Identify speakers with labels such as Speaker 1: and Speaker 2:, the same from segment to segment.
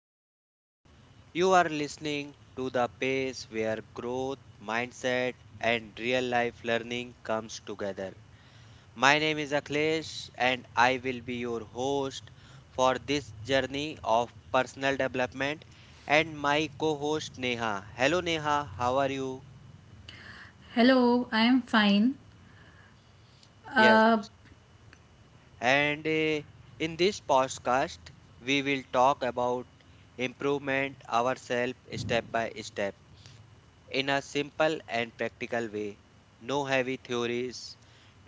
Speaker 1: podcast. You are listening to the place where growth, mindset, and real life learning comes together. My name is Akhilesh, and I will be your host for this journey of personal development. And my co host Neha. Hello, Neha. How are you?
Speaker 2: Hello, I'm fine.
Speaker 1: Yes.
Speaker 2: Uh,
Speaker 1: And In this podcast, we will talk about improvement ourselves step by step in a simple and practical way. No heavy theories,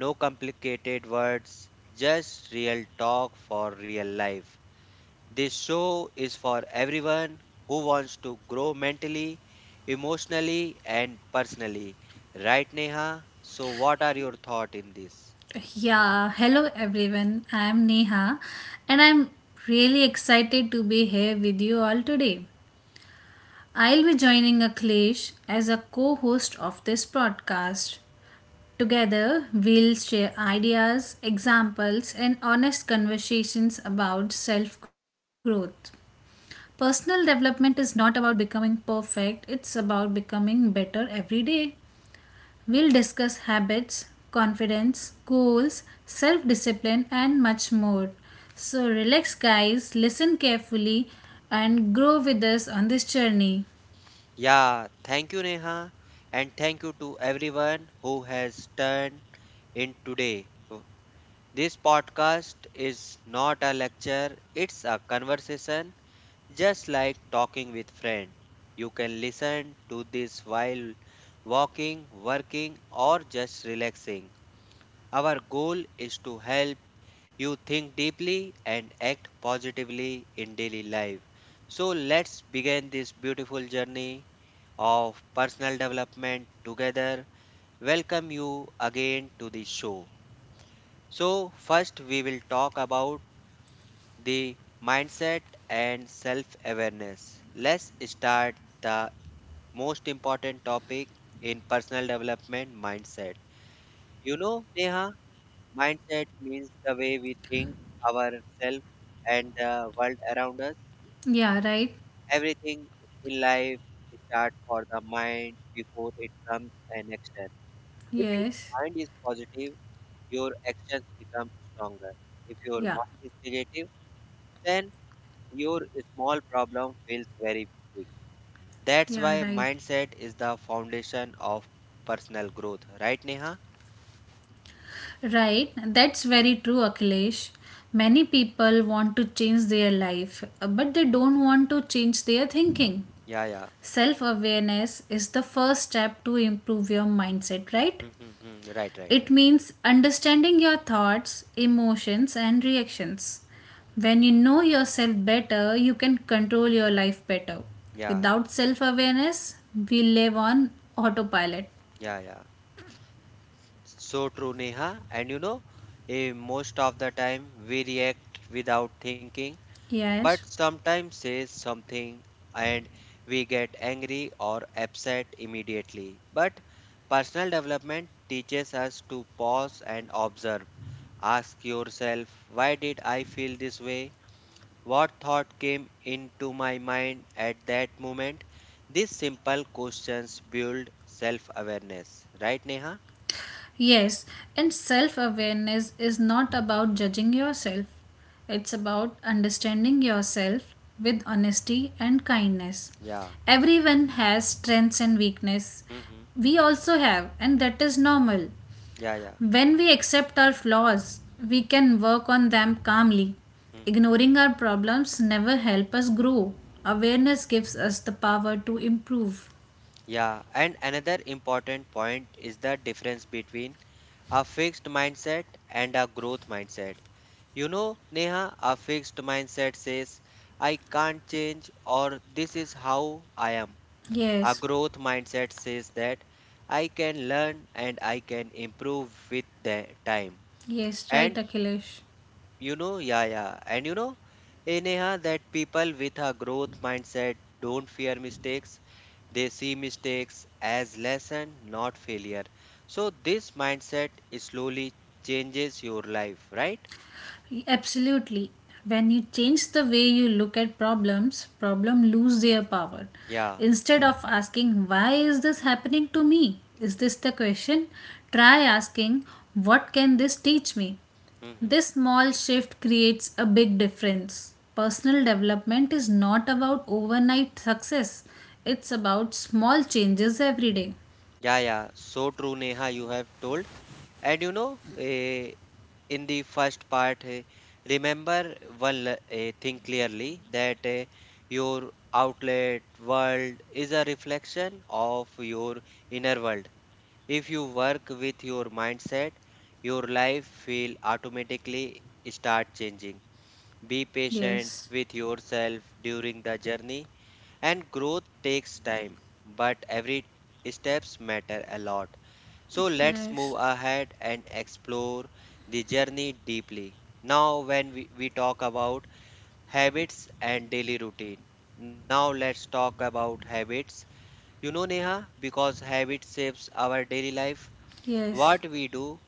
Speaker 1: no complicated words, just real talk for real life. This show is for everyone who wants to grow mentally, emotionally, and personally. Right, Neha? So, what are your thoughts in this?
Speaker 2: yeah, hello everyone. I'm Neha and I'm really excited to be here with you all today. I'll be joining Akhilesh as a co host of this podcast. Together, we'll share ideas, examples, and honest conversations about self growth. Personal development is not about becoming perfect, it's about becoming better every day. We'll discuss habits, confidence, goals, self discipline, and much more. So, relax, guys, listen carefully, and grow with us on this journey.
Speaker 1: Yeah, thank you, Neha, and thank you to everyone who has turned in today. This podcast is not a lecture, it's a conversation, just like talking with friend. You can listen to this while walking, working or just relaxing. Our goal is to help you think deeply and act positively in daily life. So let's begin this beautiful journey of personal development together. Welcome you again to the show. So, first we will talk about the mindset and self awareness. Let's start the most important topic in personal development mindset. You know, Neha, mindset means the way we think ourselves and the world around us.
Speaker 2: Yeah, right?
Speaker 1: Everything in life starts for the mind before it comes an action. If your
Speaker 2: Yes.
Speaker 1: mind is positive, your actions become stronger. If your
Speaker 2: Yeah.
Speaker 1: mind is negative, then your small problem feels very big. That's
Speaker 2: Yeah,
Speaker 1: why
Speaker 2: right.
Speaker 1: mindset is the foundation of personal growth, right, Neha?
Speaker 2: Right. That's very true, Akhilesh. Many people want to change their life, but they don't want to change their thinking.
Speaker 1: Yeah, yeah.
Speaker 2: Self awareness is the first step to improve your mindset, right?
Speaker 1: Mm-hmm, hmm. Right, right,
Speaker 2: It
Speaker 1: right.
Speaker 2: means understanding your thoughts, emotions, and reactions. When you know yourself better, you can control your life better.
Speaker 1: Yeah,
Speaker 2: Without self awareness, we live on autopilot.
Speaker 1: yeah, yeah. So true, Neha. And you know, eh, Most of the time we react without thinking but
Speaker 2: Yes.
Speaker 1: sometimes says something and we get angry or upset immediately. But personal development teaches us to pause and observe. Ask yourself, why did I feel this way? What thought came into my mind at that moment? These simple questions build self awareness. Right, Neha?
Speaker 2: Yes, and self awareness is not about judging yourself, it's about understanding yourself with honesty and kindness.
Speaker 1: Yeah.
Speaker 2: Everyone has strengths and weakness.
Speaker 1: Mm-hmm.
Speaker 2: We also have, and that is normal.
Speaker 1: Yeah, yeah.
Speaker 2: When we accept our flaws, we can work on them calmly.
Speaker 1: Mm-hmm.
Speaker 2: Ignoring our problems never help us grow. Awareness gives us the power to improve.
Speaker 1: Yeah, and another important point is the difference between a fixed mindset and a growth mindset. You know, Neha, a fixed mindset says, I can't change or this is how I am. A
Speaker 2: Yes,
Speaker 1: growth mindset says that I can learn and I can improve with the time.
Speaker 2: yes, right,
Speaker 1: And
Speaker 2: Akhilesh.
Speaker 1: you know, yeah, yeah. And you know, eh, Neha, that people with a growth mindset don't fear mistakes. They see mistakes as lesson, not failure. So this mindset slowly changes your life, right?
Speaker 2: Absolutely. When you change the way you look at problems, problem lose their power.
Speaker 1: Yeah.
Speaker 2: Instead of asking why is this happening to me? Is this the question? Try asking what can this teach me?
Speaker 1: Hmm.
Speaker 2: This small shift creates a big difference. Personal development is not about overnight success, it's about small changes every day.
Speaker 1: Yeah, yeah. So true, Neha, you have told. And you know, eh, In the first part remember thing clearly that your outlet world is a reflection of your inner world. If you work with your mindset, your life will automatically start changing. Be patient
Speaker 2: Yes,
Speaker 1: with yourself during the journey, and growth takes time, but every steps matter a lot. So let's
Speaker 2: yes,
Speaker 1: move ahead and explore the journey deeply. Now, when we talk about habits and daily routine, now let's talk about habits. You know, Neha, because habit shapes our daily life,
Speaker 2: yes.
Speaker 1: what we do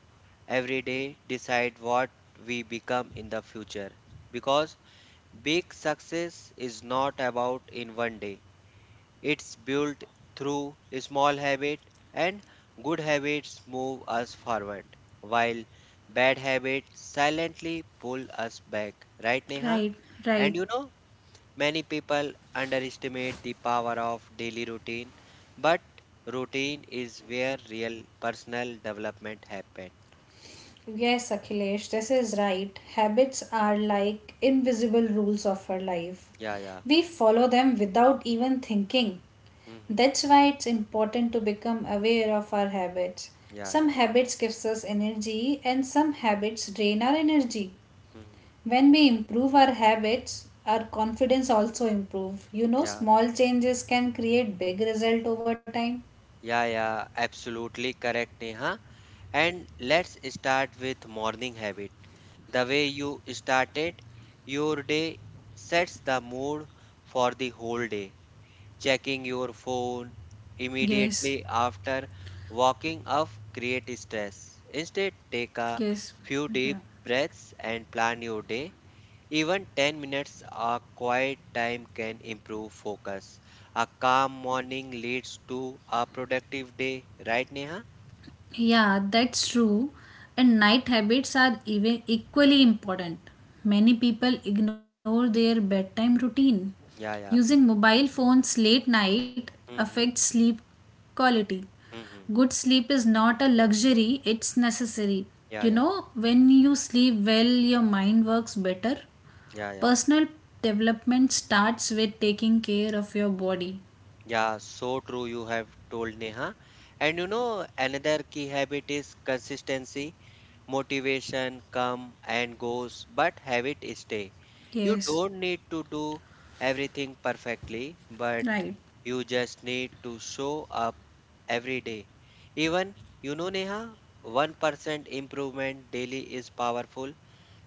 Speaker 1: every day decide what we become in the future. Because big success is not about in one day. It's built through small habits, and good habits move us forward, while bad habits silently pull us back. Right, Neha?
Speaker 2: Right,
Speaker 1: And
Speaker 2: right.
Speaker 1: you know, many people underestimate the power of daily routine, but routine is where real personal development happens.
Speaker 2: Yes, Akhilesh, this is right. Habits are like invisible rules of our life.
Speaker 1: Yeah, yeah.
Speaker 2: We follow them without even thinking.
Speaker 1: Hmm.
Speaker 2: That's why it's important to become aware of our habits.
Speaker 1: Yeah,
Speaker 2: Some
Speaker 1: yeah.
Speaker 2: habits gives us energy and some habits drain our energy.
Speaker 1: Hmm.
Speaker 2: When we improve our habits, our confidence also improve. You know,
Speaker 1: Yeah.
Speaker 2: small changes can create big result over time.
Speaker 1: Yeah, yeah, absolutely correct, Neha. And let's start with morning habit. The way you started your day sets the mood for the whole day. Checking your phone
Speaker 2: Yes,
Speaker 1: immediately after waking up creates stress. Instead, take a
Speaker 2: yes,
Speaker 1: few deep
Speaker 2: yeah.
Speaker 1: breaths and plan your day. Even 10 minutes of quiet time can improve focus. A calm morning leads to a productive day, right, Neha?
Speaker 2: Yeah, that's true. And night habits are even equally important. Many people ignore their bedtime routine.
Speaker 1: Yeah, yeah.
Speaker 2: Using mobile phones late night affects
Speaker 1: Hmm.
Speaker 2: sleep quality.
Speaker 1: Hmm.
Speaker 2: Good sleep is not a luxury, it's necessary.
Speaker 1: Yeah,
Speaker 2: You
Speaker 1: yeah,
Speaker 2: know, when you sleep well, your mind works better.
Speaker 1: yeah, yeah.
Speaker 2: Personal development starts with taking care of your body.
Speaker 1: Yeah, so true you have told Neha. And you know, another key habit is consistency, motivation come and goes, but habit stay. You
Speaker 2: Yes,
Speaker 1: don't need to do everything perfectly, but
Speaker 2: right.
Speaker 1: you just need to show up every day. Even, you know, Neha, 1% improvement daily is powerful,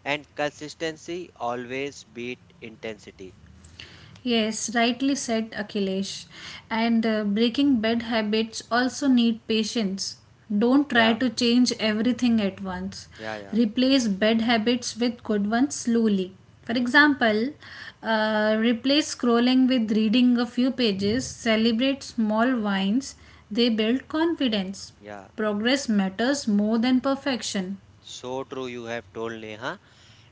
Speaker 1: and consistency always beat intensity.
Speaker 2: Yes, rightly said Akhilesh. And breaking bad habits also need patience. Don't try
Speaker 1: Yeah,
Speaker 2: to change everything at once.
Speaker 1: yeah, yeah.
Speaker 2: Replace bad habits with good ones slowly. For
Speaker 1: Hmm.
Speaker 2: example, replace scrolling with reading a few pages, celebrate small wins, they build confidence.
Speaker 1: Yeah,
Speaker 2: Progress matters more than perfection.
Speaker 1: so true you have told Neha.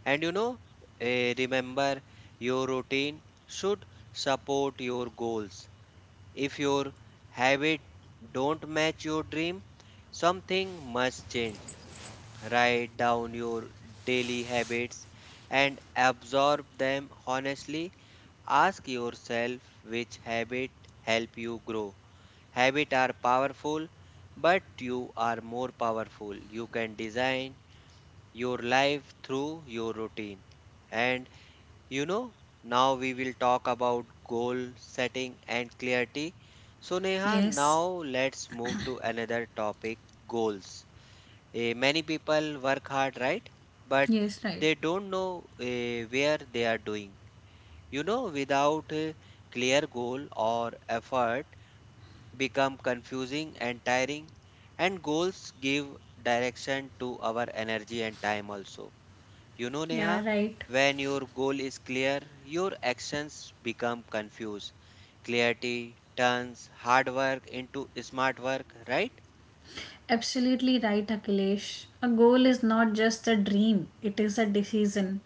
Speaker 1: And you know, eh, Remember your routine should support your goals. If your habit don't match your dream, something must change. Write down your daily habits and absorb them honestly. Ask yourself which habit help you grow. Habit are powerful, but you are more powerful. You can design your life through your routine. And you know, now we will talk about goal setting and clarity. So, Neha,
Speaker 2: Yes,
Speaker 1: now let's move to another topic goals. Many people work hard, right? But
Speaker 2: yes, right.
Speaker 1: they don't know where they are doing. You know, without a clear goal or effort, become confusing and tiring. And goals give direction to our energy and time also, you know,
Speaker 2: Yeah,
Speaker 1: Neha,
Speaker 2: right.
Speaker 1: when your goal is clear, your actions become confused. Clarity turns hard work into smart work, right?
Speaker 2: Absolutely right, Akhilesh. A goal is not just a dream, it is a decision.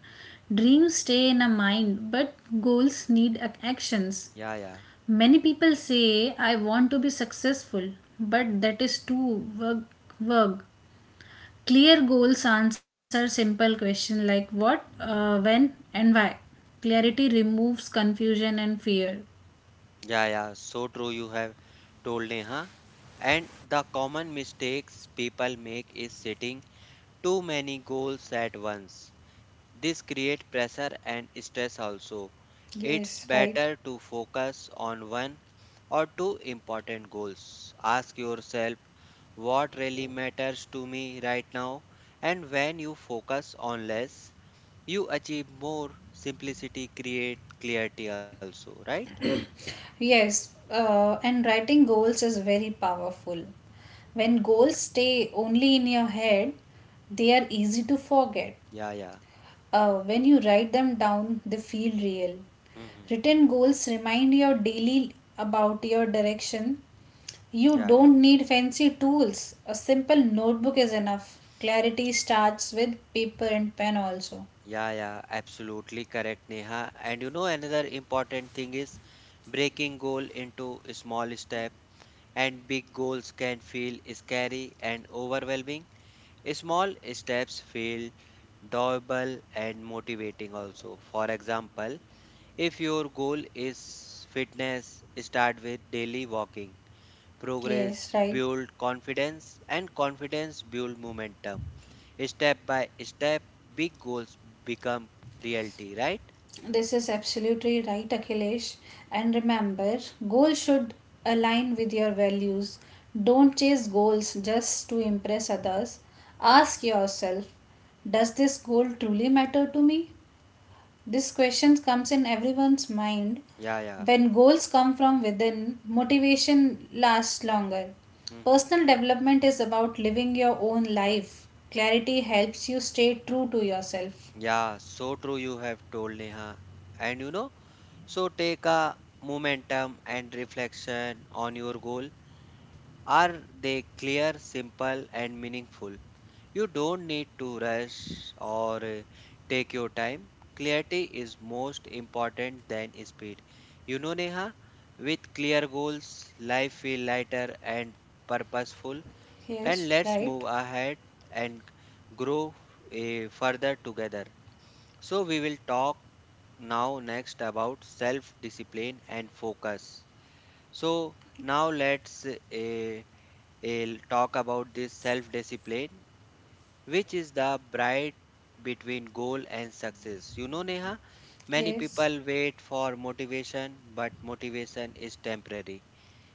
Speaker 2: Dreams stay in a mind, but goals need actions.
Speaker 1: Yeah, yeah,
Speaker 2: Many people say, I want to be successful, but that is too vague. Clear goals answer simple questions like what, when, and why. Clarity removes confusion and fear.
Speaker 1: yeah, yeah. So true, you have told Neha. And the common mistakes people make is setting too many goals at once. This create pressure and stress also. It's
Speaker 2: Yes, right.
Speaker 1: better to focus on one or two important goals. Ask yourself what really matters to me right now, and when you focus on less, you achieve more. Simplicity create clarity also, right?
Speaker 2: Yes, and writing goals is very powerful. When goals stay only in your head, they are easy to forget.
Speaker 1: Yeah, yeah.
Speaker 2: When you write them down, they feel real.
Speaker 1: Hmm.
Speaker 2: Written goals remind you daily about your direction. You
Speaker 1: Yeah, yeah.
Speaker 2: don't need fancy tools. A simple notebook is enough. Clarity starts with paper and pen, also.
Speaker 1: Yeah, yeah, absolutely correct, Neha. And you know, another important thing is breaking goal into small step. And big goals can feel scary and overwhelming. Small steps feel doable and motivating also. For example, if your goal is fitness, start with daily walking.
Speaker 2: Yes,
Speaker 1: Progress
Speaker 2: right.
Speaker 1: build confidence and confidence build momentum. Step by step, big goals become reality, right?
Speaker 2: This is absolutely right, Akhilesh. And remember, goals should align with your values. Don't chase goals just to impress others. Ask yourself, does this goal truly matter to me? This question comes in everyone's mind.
Speaker 1: Yeah, yeah.
Speaker 2: When goals come from within, motivation lasts longer.
Speaker 1: Hmm.
Speaker 2: Personal development is about living your own life. Clarity helps you stay true to yourself.
Speaker 1: Yeah, so true you have told Neha. And you know, so take a momentum and reflection on your goal. Are they clear, simple, and meaningful? You don't need to rush or take your time. Clarity is most important than speed. You know, Neha, with clear goals, life feel lighter and purposeful. And
Speaker 2: Yes,
Speaker 1: let's
Speaker 2: right?
Speaker 1: move ahead and grow further together. So we will talk now next about self discipline and focus. So now let's talk about this self discipline which is the bright between goal and success. You know Neha, many
Speaker 2: Yes.
Speaker 1: people wait for motivation but motivation is temporary.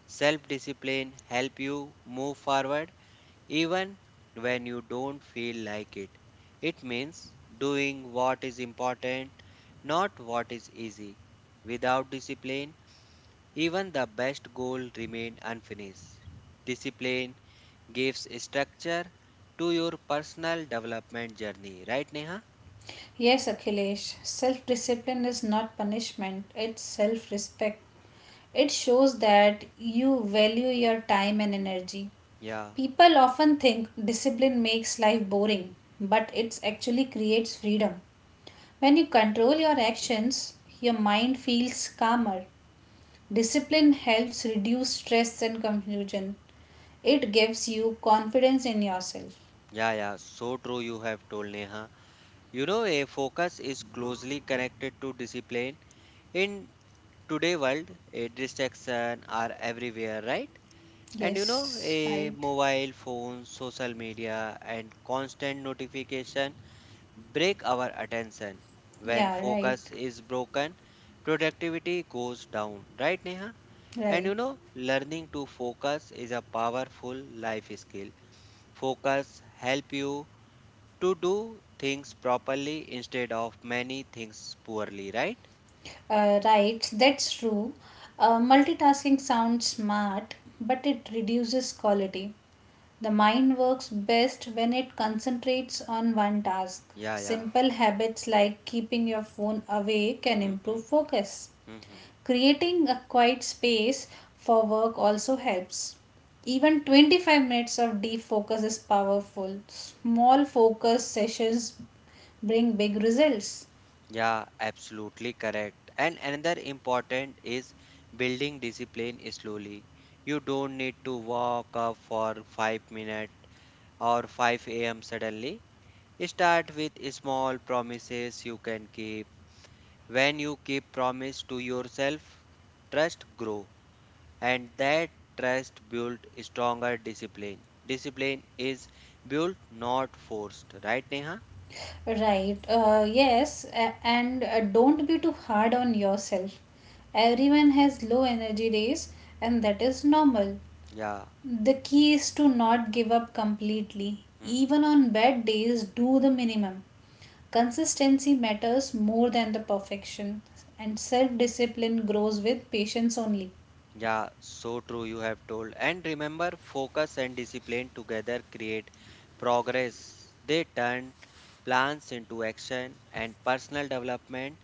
Speaker 1: Self discipline help you move forward even when you don't feel like it. It means doing what is important, not what is easy. Without discipline, even the best goal remain unfinished. Discipline gives structure to your personal development journey, right Neha?
Speaker 2: Yes, Akhilesh, self discipline is not punishment, it's self respect. It shows that you value your time and energy.
Speaker 1: Yeah.
Speaker 2: People often think discipline makes life boring, but it actually creates freedom. When you control your actions, your mind feels calmer. Discipline helps reduce stress and confusion. It gives you confidence in yourself.
Speaker 1: Yeah, yeah, so true you have told Neha. You know, a focus is closely connected to discipline. In today world, a distraction are everywhere, right? And you know,
Speaker 2: Yes,
Speaker 1: a
Speaker 2: right.
Speaker 1: mobile phone, social media, and constant notification break our attention. When
Speaker 2: Yeah, right.
Speaker 1: focus is broken, productivity goes down, right, Neha? And
Speaker 2: Right.
Speaker 1: you know, learning to focus is a powerful life skill. Focus help you to do things properly instead of many things poorly, right?
Speaker 2: Right, that's true. Multitasking sounds smart, but it reduces quality. The mind works best when it concentrates on one task.
Speaker 1: Yeah, yeah.
Speaker 2: Simple habits like keeping your phone away can
Speaker 1: Mm-hmm.
Speaker 2: improve focus.
Speaker 1: Mm-hmm.
Speaker 2: Creating a quiet space for work also helps. Even 25 minutes of deep focus is powerful. Small focus sessions bring big results.
Speaker 1: Yeah, absolutely correct. And another important is building discipline slowly. You don't need to walk up for 5 minutes or 5 a.m. suddenly. Start with small promises you can keep. When you keep promise to yourself, trust grow and that trust build stronger discipline. Discipline is built not forced, right Neha?
Speaker 2: Right. Yes, and don't be too hard on yourself. Everyone has low energy days, and that is normal.
Speaker 1: Yeah.
Speaker 2: The key is to not give up completely.
Speaker 1: Mm-hmm.
Speaker 2: Even on bad days, do the minimum. Consistency matters more than the perfection, and self discipline grows with patience only.
Speaker 1: Yeah, so true, you have told. And remember, focus and discipline together create progress. They turn plans into action, and personal development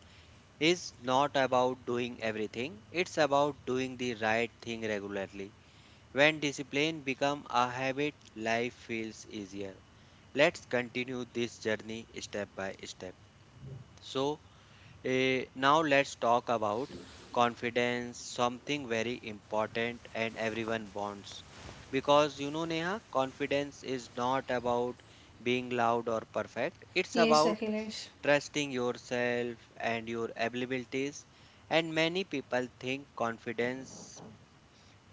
Speaker 1: is not about doing everything, it's about doing the right thing regularly. When discipline become a habit, life feels easier. Let's continue this journey step by step. So, now let's talk about confidence, something very important and everyone bonds. Because you know, Neha, confidence is not about being loud or perfect, it's
Speaker 2: Yes,
Speaker 1: about
Speaker 2: Akhilesh.
Speaker 1: trusting yourself and your abilities. And many people think confidence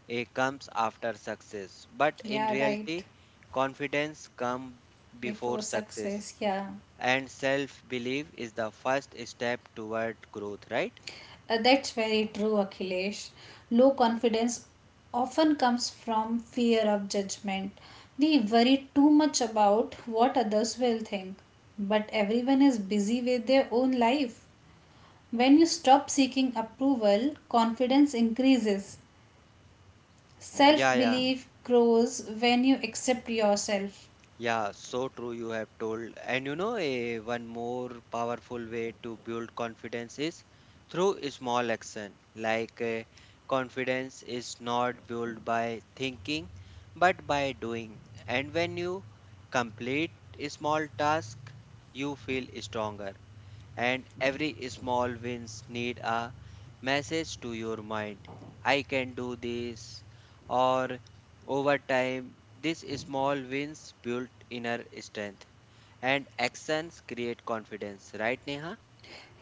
Speaker 1: comes after success, but in
Speaker 2: Yeah, right.
Speaker 1: reality, confidence comes before
Speaker 2: Before
Speaker 1: success.
Speaker 2: success, yeah.
Speaker 1: And self belief is the first step toward growth, right?
Speaker 2: That's very true, Akhilesh. Low confidence often comes from fear of judgment. We worry too much about what others will think, but everyone is busy with their own life. When you stop seeking approval, confidence increases. Self
Speaker 1: Yeah, yeah,
Speaker 2: belief grows when you accept yourself.
Speaker 1: yeah, so true you have told. And you know, a one more powerful way to build confidence is through a small action. Confidence is not built by thinking, but by doing. And when you complete a small task, you feel stronger. And every small wins need a message to your mind, I can do this. Or over time these small wins build inner strength, and actions create confidence, right Neha?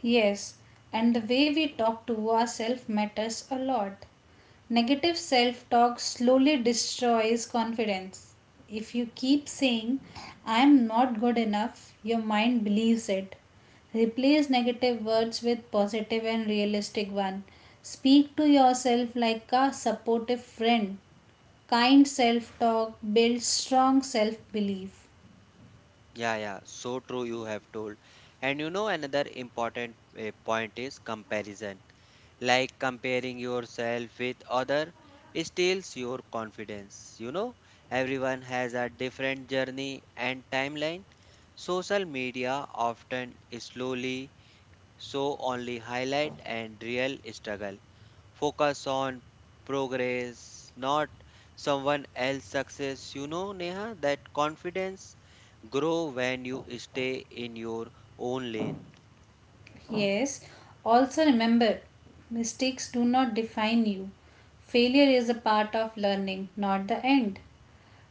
Speaker 2: Yes, and the way we talk to ourselves matters a lot. Negative self talk slowly destroys confidence. If you keep saying, I am not good enough, your mind believes it. Replace negative words with positive and realistic one. Speak to yourself like a supportive friend. Kind self talk builds strong self belief.
Speaker 1: Yeah, yeah, so true you have told. And you know, another important point is comparison, like comparing yourself with other steals your confidence. You know, everyone has a different journey and timeline. Social media often slowly show only highlight and real struggle. Focus on progress, not someone else success. You know Neha, that confidence grow when you stay in your own lane.
Speaker 2: Yes, also remember mistakes do not define you. Failure is a part of learning, not the end.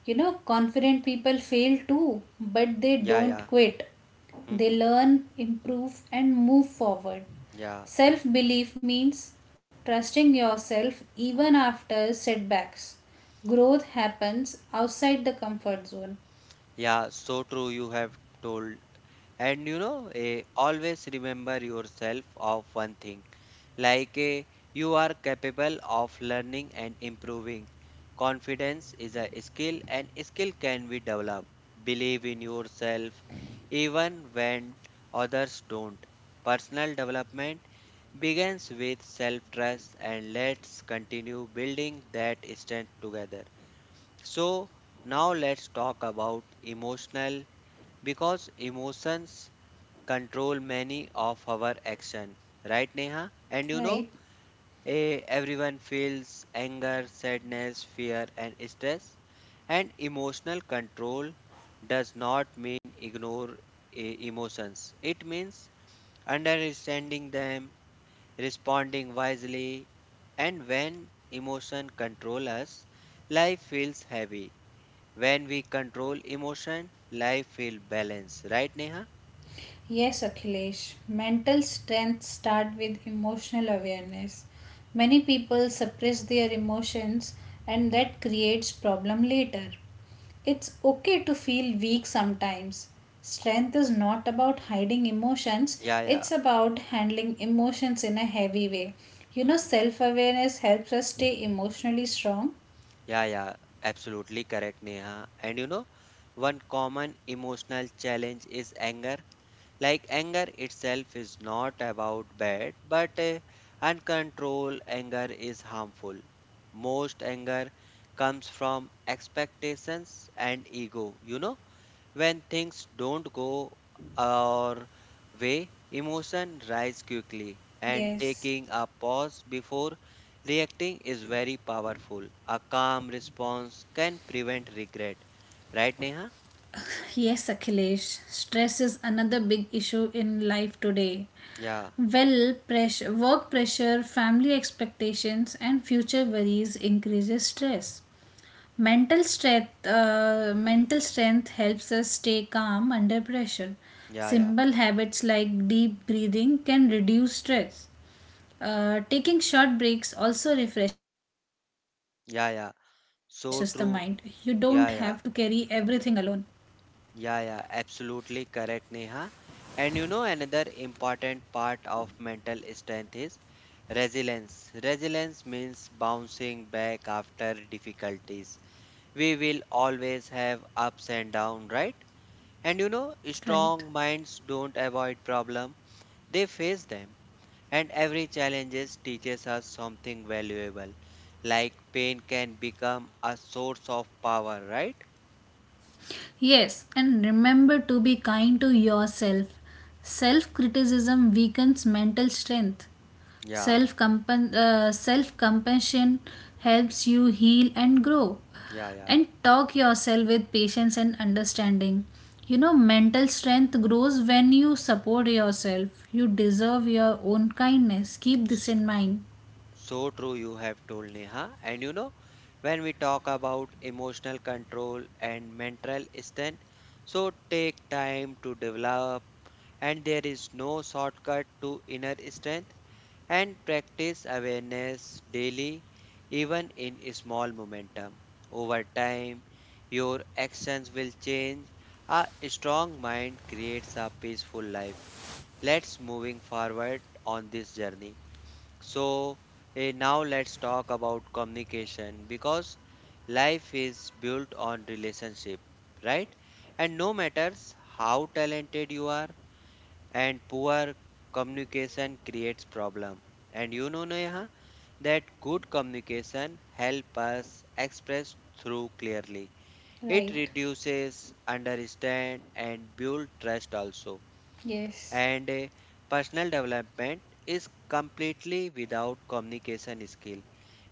Speaker 2: You know, confident people fail too, but they
Speaker 1: Yeah, yeah.
Speaker 2: don't quit. They
Speaker 1: Hmm.
Speaker 2: learn, improve, and move forward.
Speaker 1: Yeah.
Speaker 2: Self belief means trusting yourself even after setbacks. Growth happens outside the comfort zone,
Speaker 1: Yeah, so true. You have told. And you know, always remember yourself of one thing like you are capable of learning and improving. Confidence is a skill, and skill can be developed. Believe in yourself even when others don't. Personal development begins with self trust, and let's continue building that strength together. So, now let's talk about emotional because emotions control many of our action, right, Neha? And you know,
Speaker 2: right?
Speaker 1: everyone feels anger, sadness, fear and stress, and emotional control does not mean ignore emotions. It means understanding them, responding wisely. And when emotion control us, life feels heavy. When we control emotion, life feel balanced, right, Neha?
Speaker 2: Yes, Akhilesh. Mental strength start with emotional awareness. Many people suppress their emotions and that creates problem later. It's okay to feel weak sometimes. Strength is not about hiding emotions,
Speaker 1: Yeah, yeah.
Speaker 2: it's about handling emotions in a heavy way. You know,
Speaker 1: Hmm.
Speaker 2: self awareness helps us stay emotionally strong.
Speaker 1: Yeah, yeah. Absolutely correct, Neha. And you know, one common emotional challenge is anger. Like anger itself is not about bad, but uncontrolled anger is harmful. Most anger comes from expectations and ego, you know. When things don't go our way, emotion rise quickly, and
Speaker 2: Yes.
Speaker 1: taking a pause before reacting is very powerful. A calm response can prevent regret. Right, Neha?
Speaker 2: Yes, Akhilesh. Stress is another big issue in life today.
Speaker 1: Yeah,
Speaker 2: Well, work pressure, family expectations, and future worries increases stress. Mental strength helps us stay calm under pressure.
Speaker 1: yeah, yeah,
Speaker 2: Simple habits like deep breathing can reduce stress. Taking short breaks also refreshes the mind. You don't
Speaker 1: yeah,
Speaker 2: have
Speaker 1: yeah.
Speaker 2: to carry
Speaker 1: So
Speaker 2: everything
Speaker 1: true.
Speaker 2: alone.
Speaker 1: Yeah, yeah, yeah, yeah. Absolutely correct, Neha. And you know, another important part of mental strength is resilience. Resilience means bouncing back after difficulties. We will always have ups and downs, right? And you know,
Speaker 2: Right.
Speaker 1: strong minds don't avoid problem, they face them. And every challenges teaches us something valuable. Like pain can become a source of power, right?
Speaker 2: Yes, and remember to be kind to yourself. Self criticism weakens mental strength.
Speaker 1: Yeah,
Speaker 2: Self compassion helps you heal and grow.
Speaker 1: yeah, yeah.
Speaker 2: And talk yourself with patience and understanding. You know, mental strength grows when you support yourself. You deserve your own kindness. Keep this in mind.
Speaker 1: So true you have told, Neha. And you know, when we talk about emotional control and mental strength, so take time to develop, and there is no shortcut to inner strength, and practice awareness daily, even in small momentum. Over time, your actions will change. A strong mind creates a peaceful life. Let's moving forward on this journey. So now let's talk about communication because life is built on relationship, right? And no matters how talented you are, and poor communication creates problem. And you know, Neha, that good communication help us express through clearly. It
Speaker 2: Right.
Speaker 1: reduces understand and build trust also.
Speaker 2: Yes.
Speaker 1: And personal development is completely without communication skill.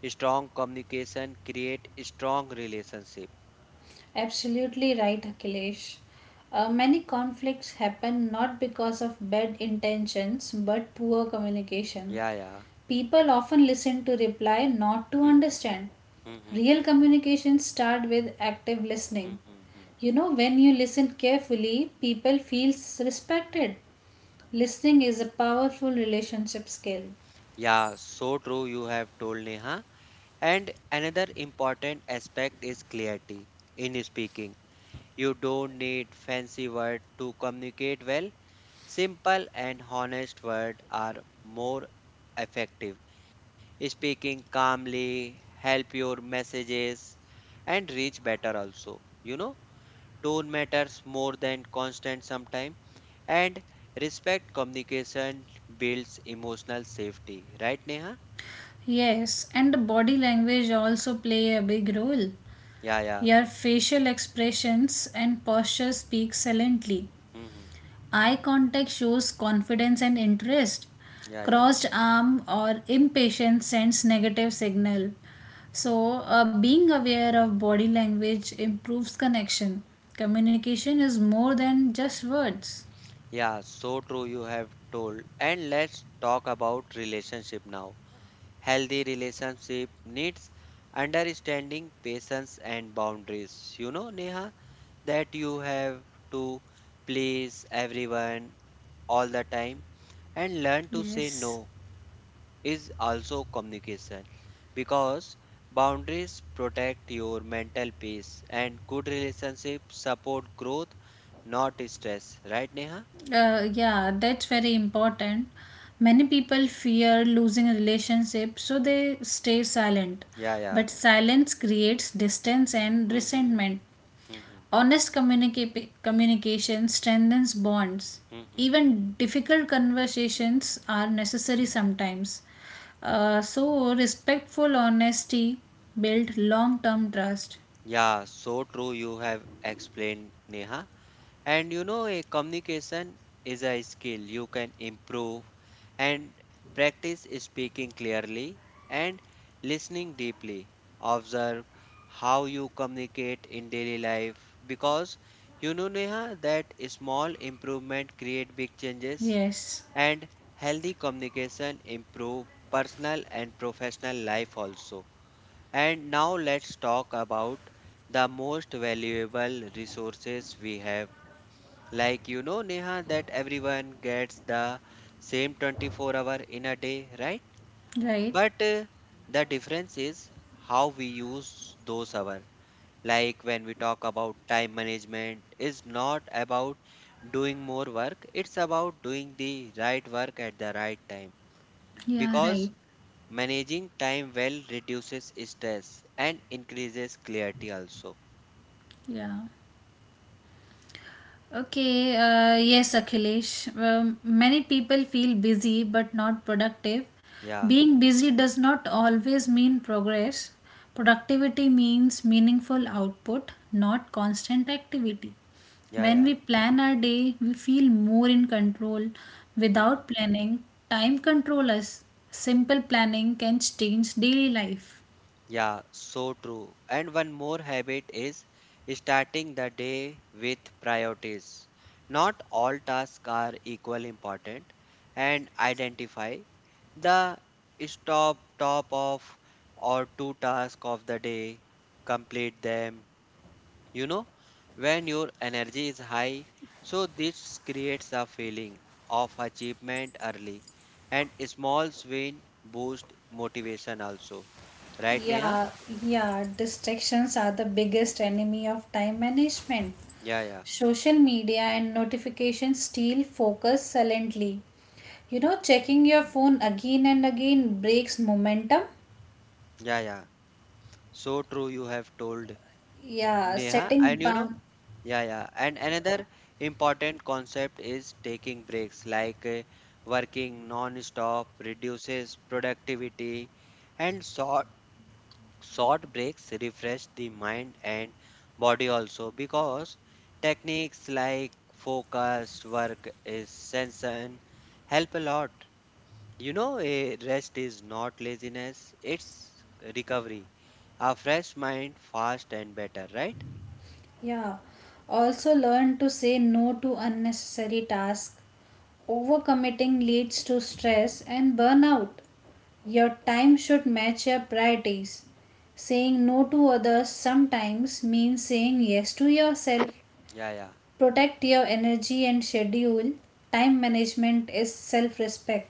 Speaker 1: Strong communication create strong relationship.
Speaker 2: Absolutely right, Akhilesh. Many conflicts happen not because of bad intentions but poor communication.
Speaker 1: Yeah, yeah.
Speaker 2: People often listen to reply, not to
Speaker 1: hmm
Speaker 2: understand.
Speaker 1: hmm
Speaker 2: Real communication start with active
Speaker 1: hmm
Speaker 2: listening.
Speaker 1: hmm
Speaker 2: You know, when you listen carefully, people feels respected. Listening is a powerful relationship skill.
Speaker 1: Yeah, so true you have told, Neha. And another important aspect is clarity in speaking. You don't need fancy words to communicate well. Simple and honest words are more effective. Speaking calmly help your messages and reach better also. You know, tone matters more than constant sometimes, and respect communication builds emotional safety. Right, Neha?
Speaker 2: Yes, and the body language also play a big role.
Speaker 1: Yeah, yeah.
Speaker 2: Your facial expressions and posture speak silently.
Speaker 1: Hmm.
Speaker 2: Eye contact shows confidence and interest.
Speaker 1: Yeah, yeah.
Speaker 2: Crossed arm or impatience sends negative signal. So, being aware of body language improves connection. Communication is more than just words.
Speaker 1: Yeah, so true you have told. And let's talk about relationship now. Healthy relationship needs understanding, patience and boundaries. You know, Neha, that you have to please everyone all the time, and learn to say
Speaker 2: Yes.
Speaker 1: no is also communication, because boundaries protect your mental peace and good relationship support growth, not stress. Right, Neha?
Speaker 2: Yeah, that's very important. Many people fear losing a relationship, so they stay silent.
Speaker 1: Yeah,
Speaker 2: But silence creates distance and
Speaker 1: yeah.
Speaker 2: resentment.
Speaker 1: Mhm,
Speaker 2: Honest communication strengthens bonds.
Speaker 1: mhm.
Speaker 2: Even difficult conversations are necessary sometimes. So, respectful honesty builds long term trust.
Speaker 1: Yeah, so true. You have explained, Neha. And you know, a communication is a skill you can improve, and practice speaking clearly and listening deeply. Observe how you communicate in daily life, because you know, Neha, that small improvement create big changes,
Speaker 2: Yes,
Speaker 1: and healthy communication improve personal and professional life also. And now let's talk about the most valuable resources we have. Like you know, Neha, that everyone gets the same 24 hour in a day, right?
Speaker 2: right.
Speaker 1: But the difference is how we use those hours. Like when we talk about time management, is not about doing more work, it's about doing the right work at the right time.
Speaker 2: Yeah, right.
Speaker 1: Because managing time well reduces stress and increases clarity also.
Speaker 2: Yeah. Okay, yes, Akhilesh. Many people feel busy but not productive.
Speaker 1: Yeah,
Speaker 2: Being busy does not always mean progress. Productivity means meaningful output, not constant activity.
Speaker 1: yeah,
Speaker 2: When
Speaker 1: yeah.
Speaker 2: we plan our day, we feel more in control.
Speaker 1: Mhm.
Speaker 2: Without planning, time controls us. Simple planning can change daily life.
Speaker 1: Yeah, so true. And one more habit is starting the day with priorities. Not all tasks are equally important, and identify the top of or two tasks of the day, complete them, you know, when your energy is high. So this creates a feeling of achievement early, and small win boost motivation also, right, Neha?
Speaker 2: Yeah, yeah, distractions are the biggest enemy of time management.
Speaker 1: yeah yeah
Speaker 2: Social media and notifications steal focus silently. You know, checking your phone again and again breaks momentum.
Speaker 1: yeah yeah So true you have told,
Speaker 2: Yeah,
Speaker 1: Neha.
Speaker 2: setting
Speaker 1: And you know,
Speaker 2: bound.
Speaker 1: yeah, yeah, and another important concept is taking breaks. Like working non-stop reduces productivity, and short breaks refresh the mind and body also, because techniques like focused work is sensation help a lot. You know, a rest is not laziness, it's recovery. A fresh mind, fast and better, right?
Speaker 2: Yeah, also learn to say no to unnecessary tasks. Overcommitting leads to stress and burnout. Your time should match your priorities. Saying no to others sometimes means saying yes to yourself.
Speaker 1: Yeah, yeah.
Speaker 2: Protect your energy and schedule. Time management is self respect.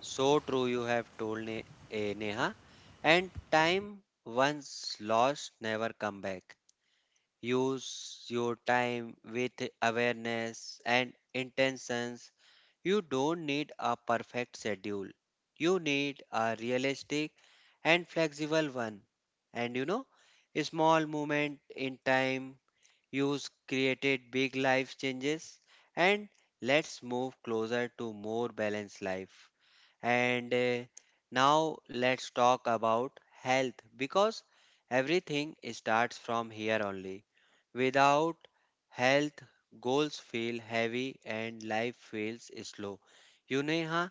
Speaker 1: So true, you have told Neha. And time once lost, never come back. Use your time with awareness and intentions. You don't need a perfect schedule. You need a realistic and flexible one. And you know, a small moment in time use created big life changes, and let's move closer to more balanced life. And now let's talk about health, because everything starts from here only. Without health, goals feel heavy and life feels slow. You know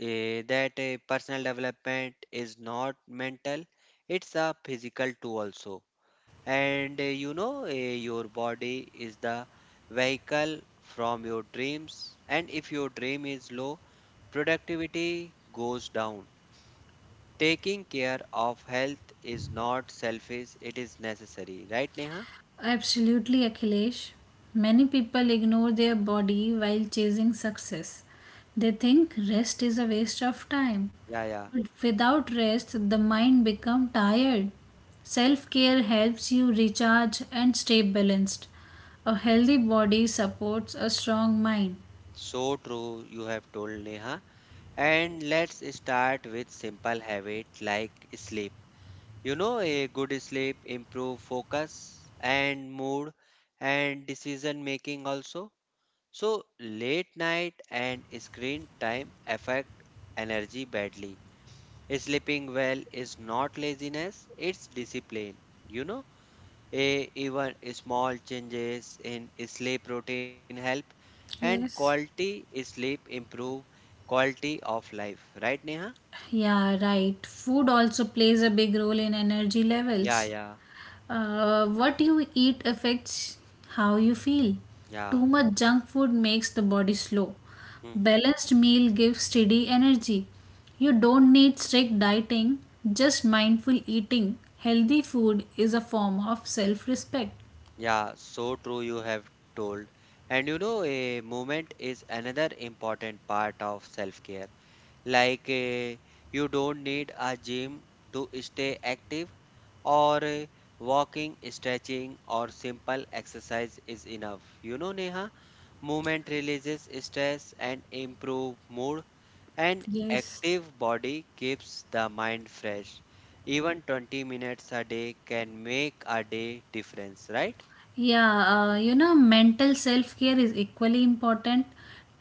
Speaker 1: that personal development is not mental, it's a physical too also. And you know, your body is the vehicle from your dreams, and if your dream is low, productivity goes down. Taking care of health is not selfish, it is necessary, right, Neha?
Speaker 2: Absolutely, Akhilesh. Many people ignore their body while chasing success. They think rest is a waste of time.
Speaker 1: Yeah, yeah.
Speaker 2: But without rest, the mind becomes tired. Self care helps you recharge and stay balanced. A healthy body supports a strong mind.
Speaker 1: So true, you have told, Neha. And let's start with simple habit like sleep. You know, a good sleep improve focus and mood and decision making also. So late night and screen time affect energy badly. Sleeping well is not laziness, it's discipline, you know. A, even small changes in sleep routine help, and
Speaker 2: Yes.
Speaker 1: quality sleep improve quality of life. Right, Neha?
Speaker 2: Yeah, right. Food also plays a big role in energy
Speaker 1: Yeah,
Speaker 2: levels.
Speaker 1: yeah,
Speaker 2: What you eat affects how you feel.
Speaker 1: yeah.
Speaker 2: Too much junk food makes the body slow.
Speaker 1: Hmm.
Speaker 2: Balanced meal gives steady energy. You don't need strict dieting, just mindful eating. Healthy food is a form of self respect.
Speaker 1: Yeah, so true you have told. And you know, a movement is another important part of self-care. Like you don't need a gym to stay active, or walking, stretching or simple exercise is enough. You know, Neha? Movement releases stress and improve mood. An
Speaker 2: Yes.
Speaker 1: active body keeps the mind fresh. Even 20 minutes a day can make a day difference, right?
Speaker 2: Yeah, mental self care is equally important.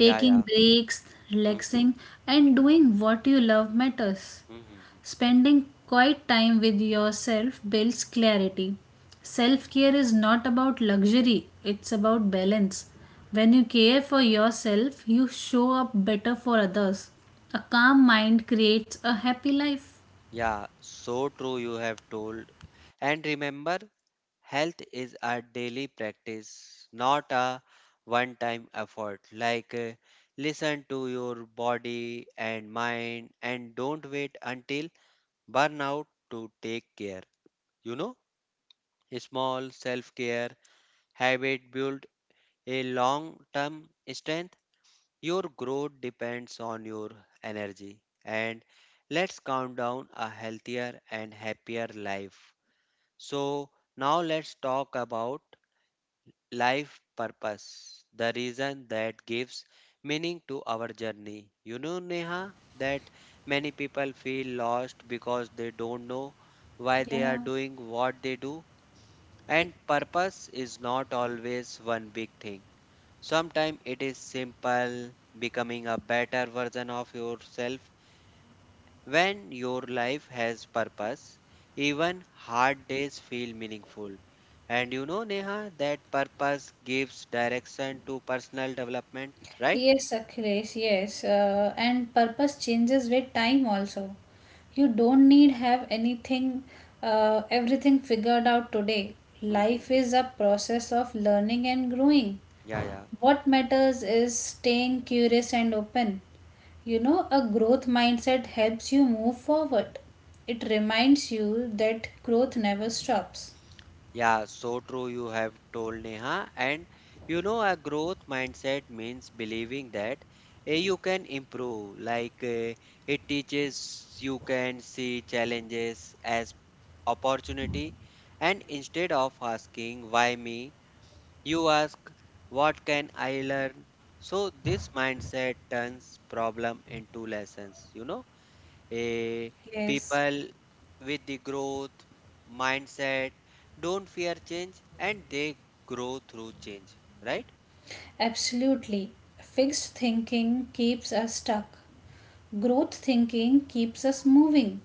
Speaker 1: Yeah, yeah.
Speaker 2: breaks,
Speaker 1: hmm
Speaker 2: relaxing, and doing what you love matters.
Speaker 1: hmm.
Speaker 2: Spending quiet time with yourself builds clarity. Self care is not about luxury, it's about balance. When you care for yourself, you show up better for others. A calm mind creates a happy life.
Speaker 1: Yeah, so true you have told. And remember, health is a daily practice, not a one time effort. Like, listen to your body and mind, and don't wait until burnout to take care. You know, small self care habit build a long term strength. Your growth depends on your energy. And let's count down a healthier and happier life. So, now let's talk about life purpose, the reason that gives meaning to our journey. You know, Neha, that many people feel lost because they don't know why they are doing what they do, and purpose is not always one big thing. Sometimes it is simple, becoming a better version of yourself. When your life has purpose, even hard days feel meaningful. And you know, Neha, that purpose gives direction to personal development, right?
Speaker 2: Yes, Akhilesh, yes. And purpose changes with time also. You don't need have everything figured out today.
Speaker 1: Hmm.
Speaker 2: Life is a process of learning and growing.
Speaker 1: Yeah, yeah.
Speaker 2: What matters is staying curious and open. You know, a growth mindset helps you move forward. It reminds you that growth never stops.
Speaker 1: Yeah, so true you have told, Neha. And you know, a growth mindset means believing that you can improve. Like it teaches you can see challenges as opportunity. And instead of asking why me, you ask, what can I learn? So, this mindset turns problem into lessons. You know, Eh,
Speaker 2: Yes,
Speaker 1: people with the growth mindset don't fear change, and they grow through change, right?
Speaker 2: absolutely. Fixed thinking keeps us stuck. Growth thinking keeps us moving.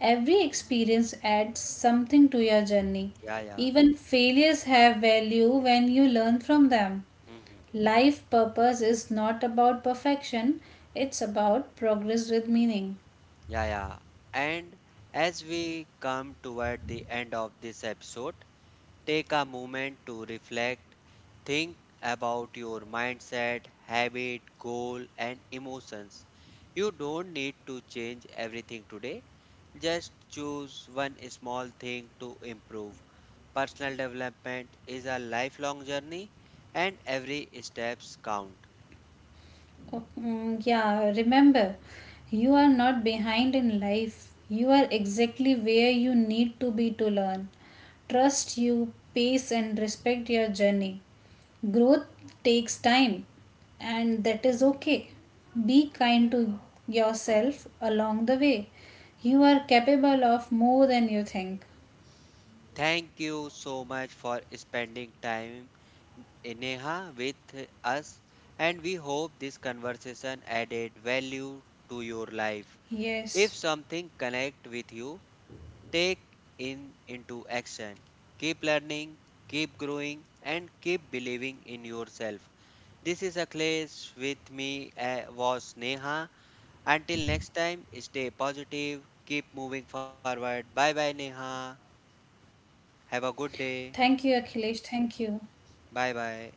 Speaker 2: Every experience adds something to your journey.
Speaker 1: Yeah, yeah.
Speaker 2: Even failures have value when you learn from them.
Speaker 1: Hmm.
Speaker 2: Life purpose is not about perfection, it's about progress with meaning.
Speaker 1: Yeah, yeah. And as we come toward the end of this episode, take a moment to reflect. Think about your mindset, habit, goal, and emotions. You don't need to change everything today. Just choose one small thing to improve. Personal development is a lifelong journey, and every steps count.
Speaker 2: Oh, yeah, remember, you are not behind in life. You are exactly where you need to be to learn. Trust you, pace, and respect your journey. Growth takes time, and that is okay. Be kind to yourself along the way. You are capable of more than you think.
Speaker 1: Thank you so much for spending time, Neha, with us, and we hope this conversation added value to your life. If
Speaker 2: Yes.
Speaker 1: something connect with you, take in into action. Keep learning, keep growing and keep believing in yourself. This is Akhilesh, with me was Neha. Until next time, stay positive, keep moving forward. Bye bye, Neha. Have a good day.
Speaker 2: Thank you, Akhilesh. Thank you.
Speaker 1: Bye bye.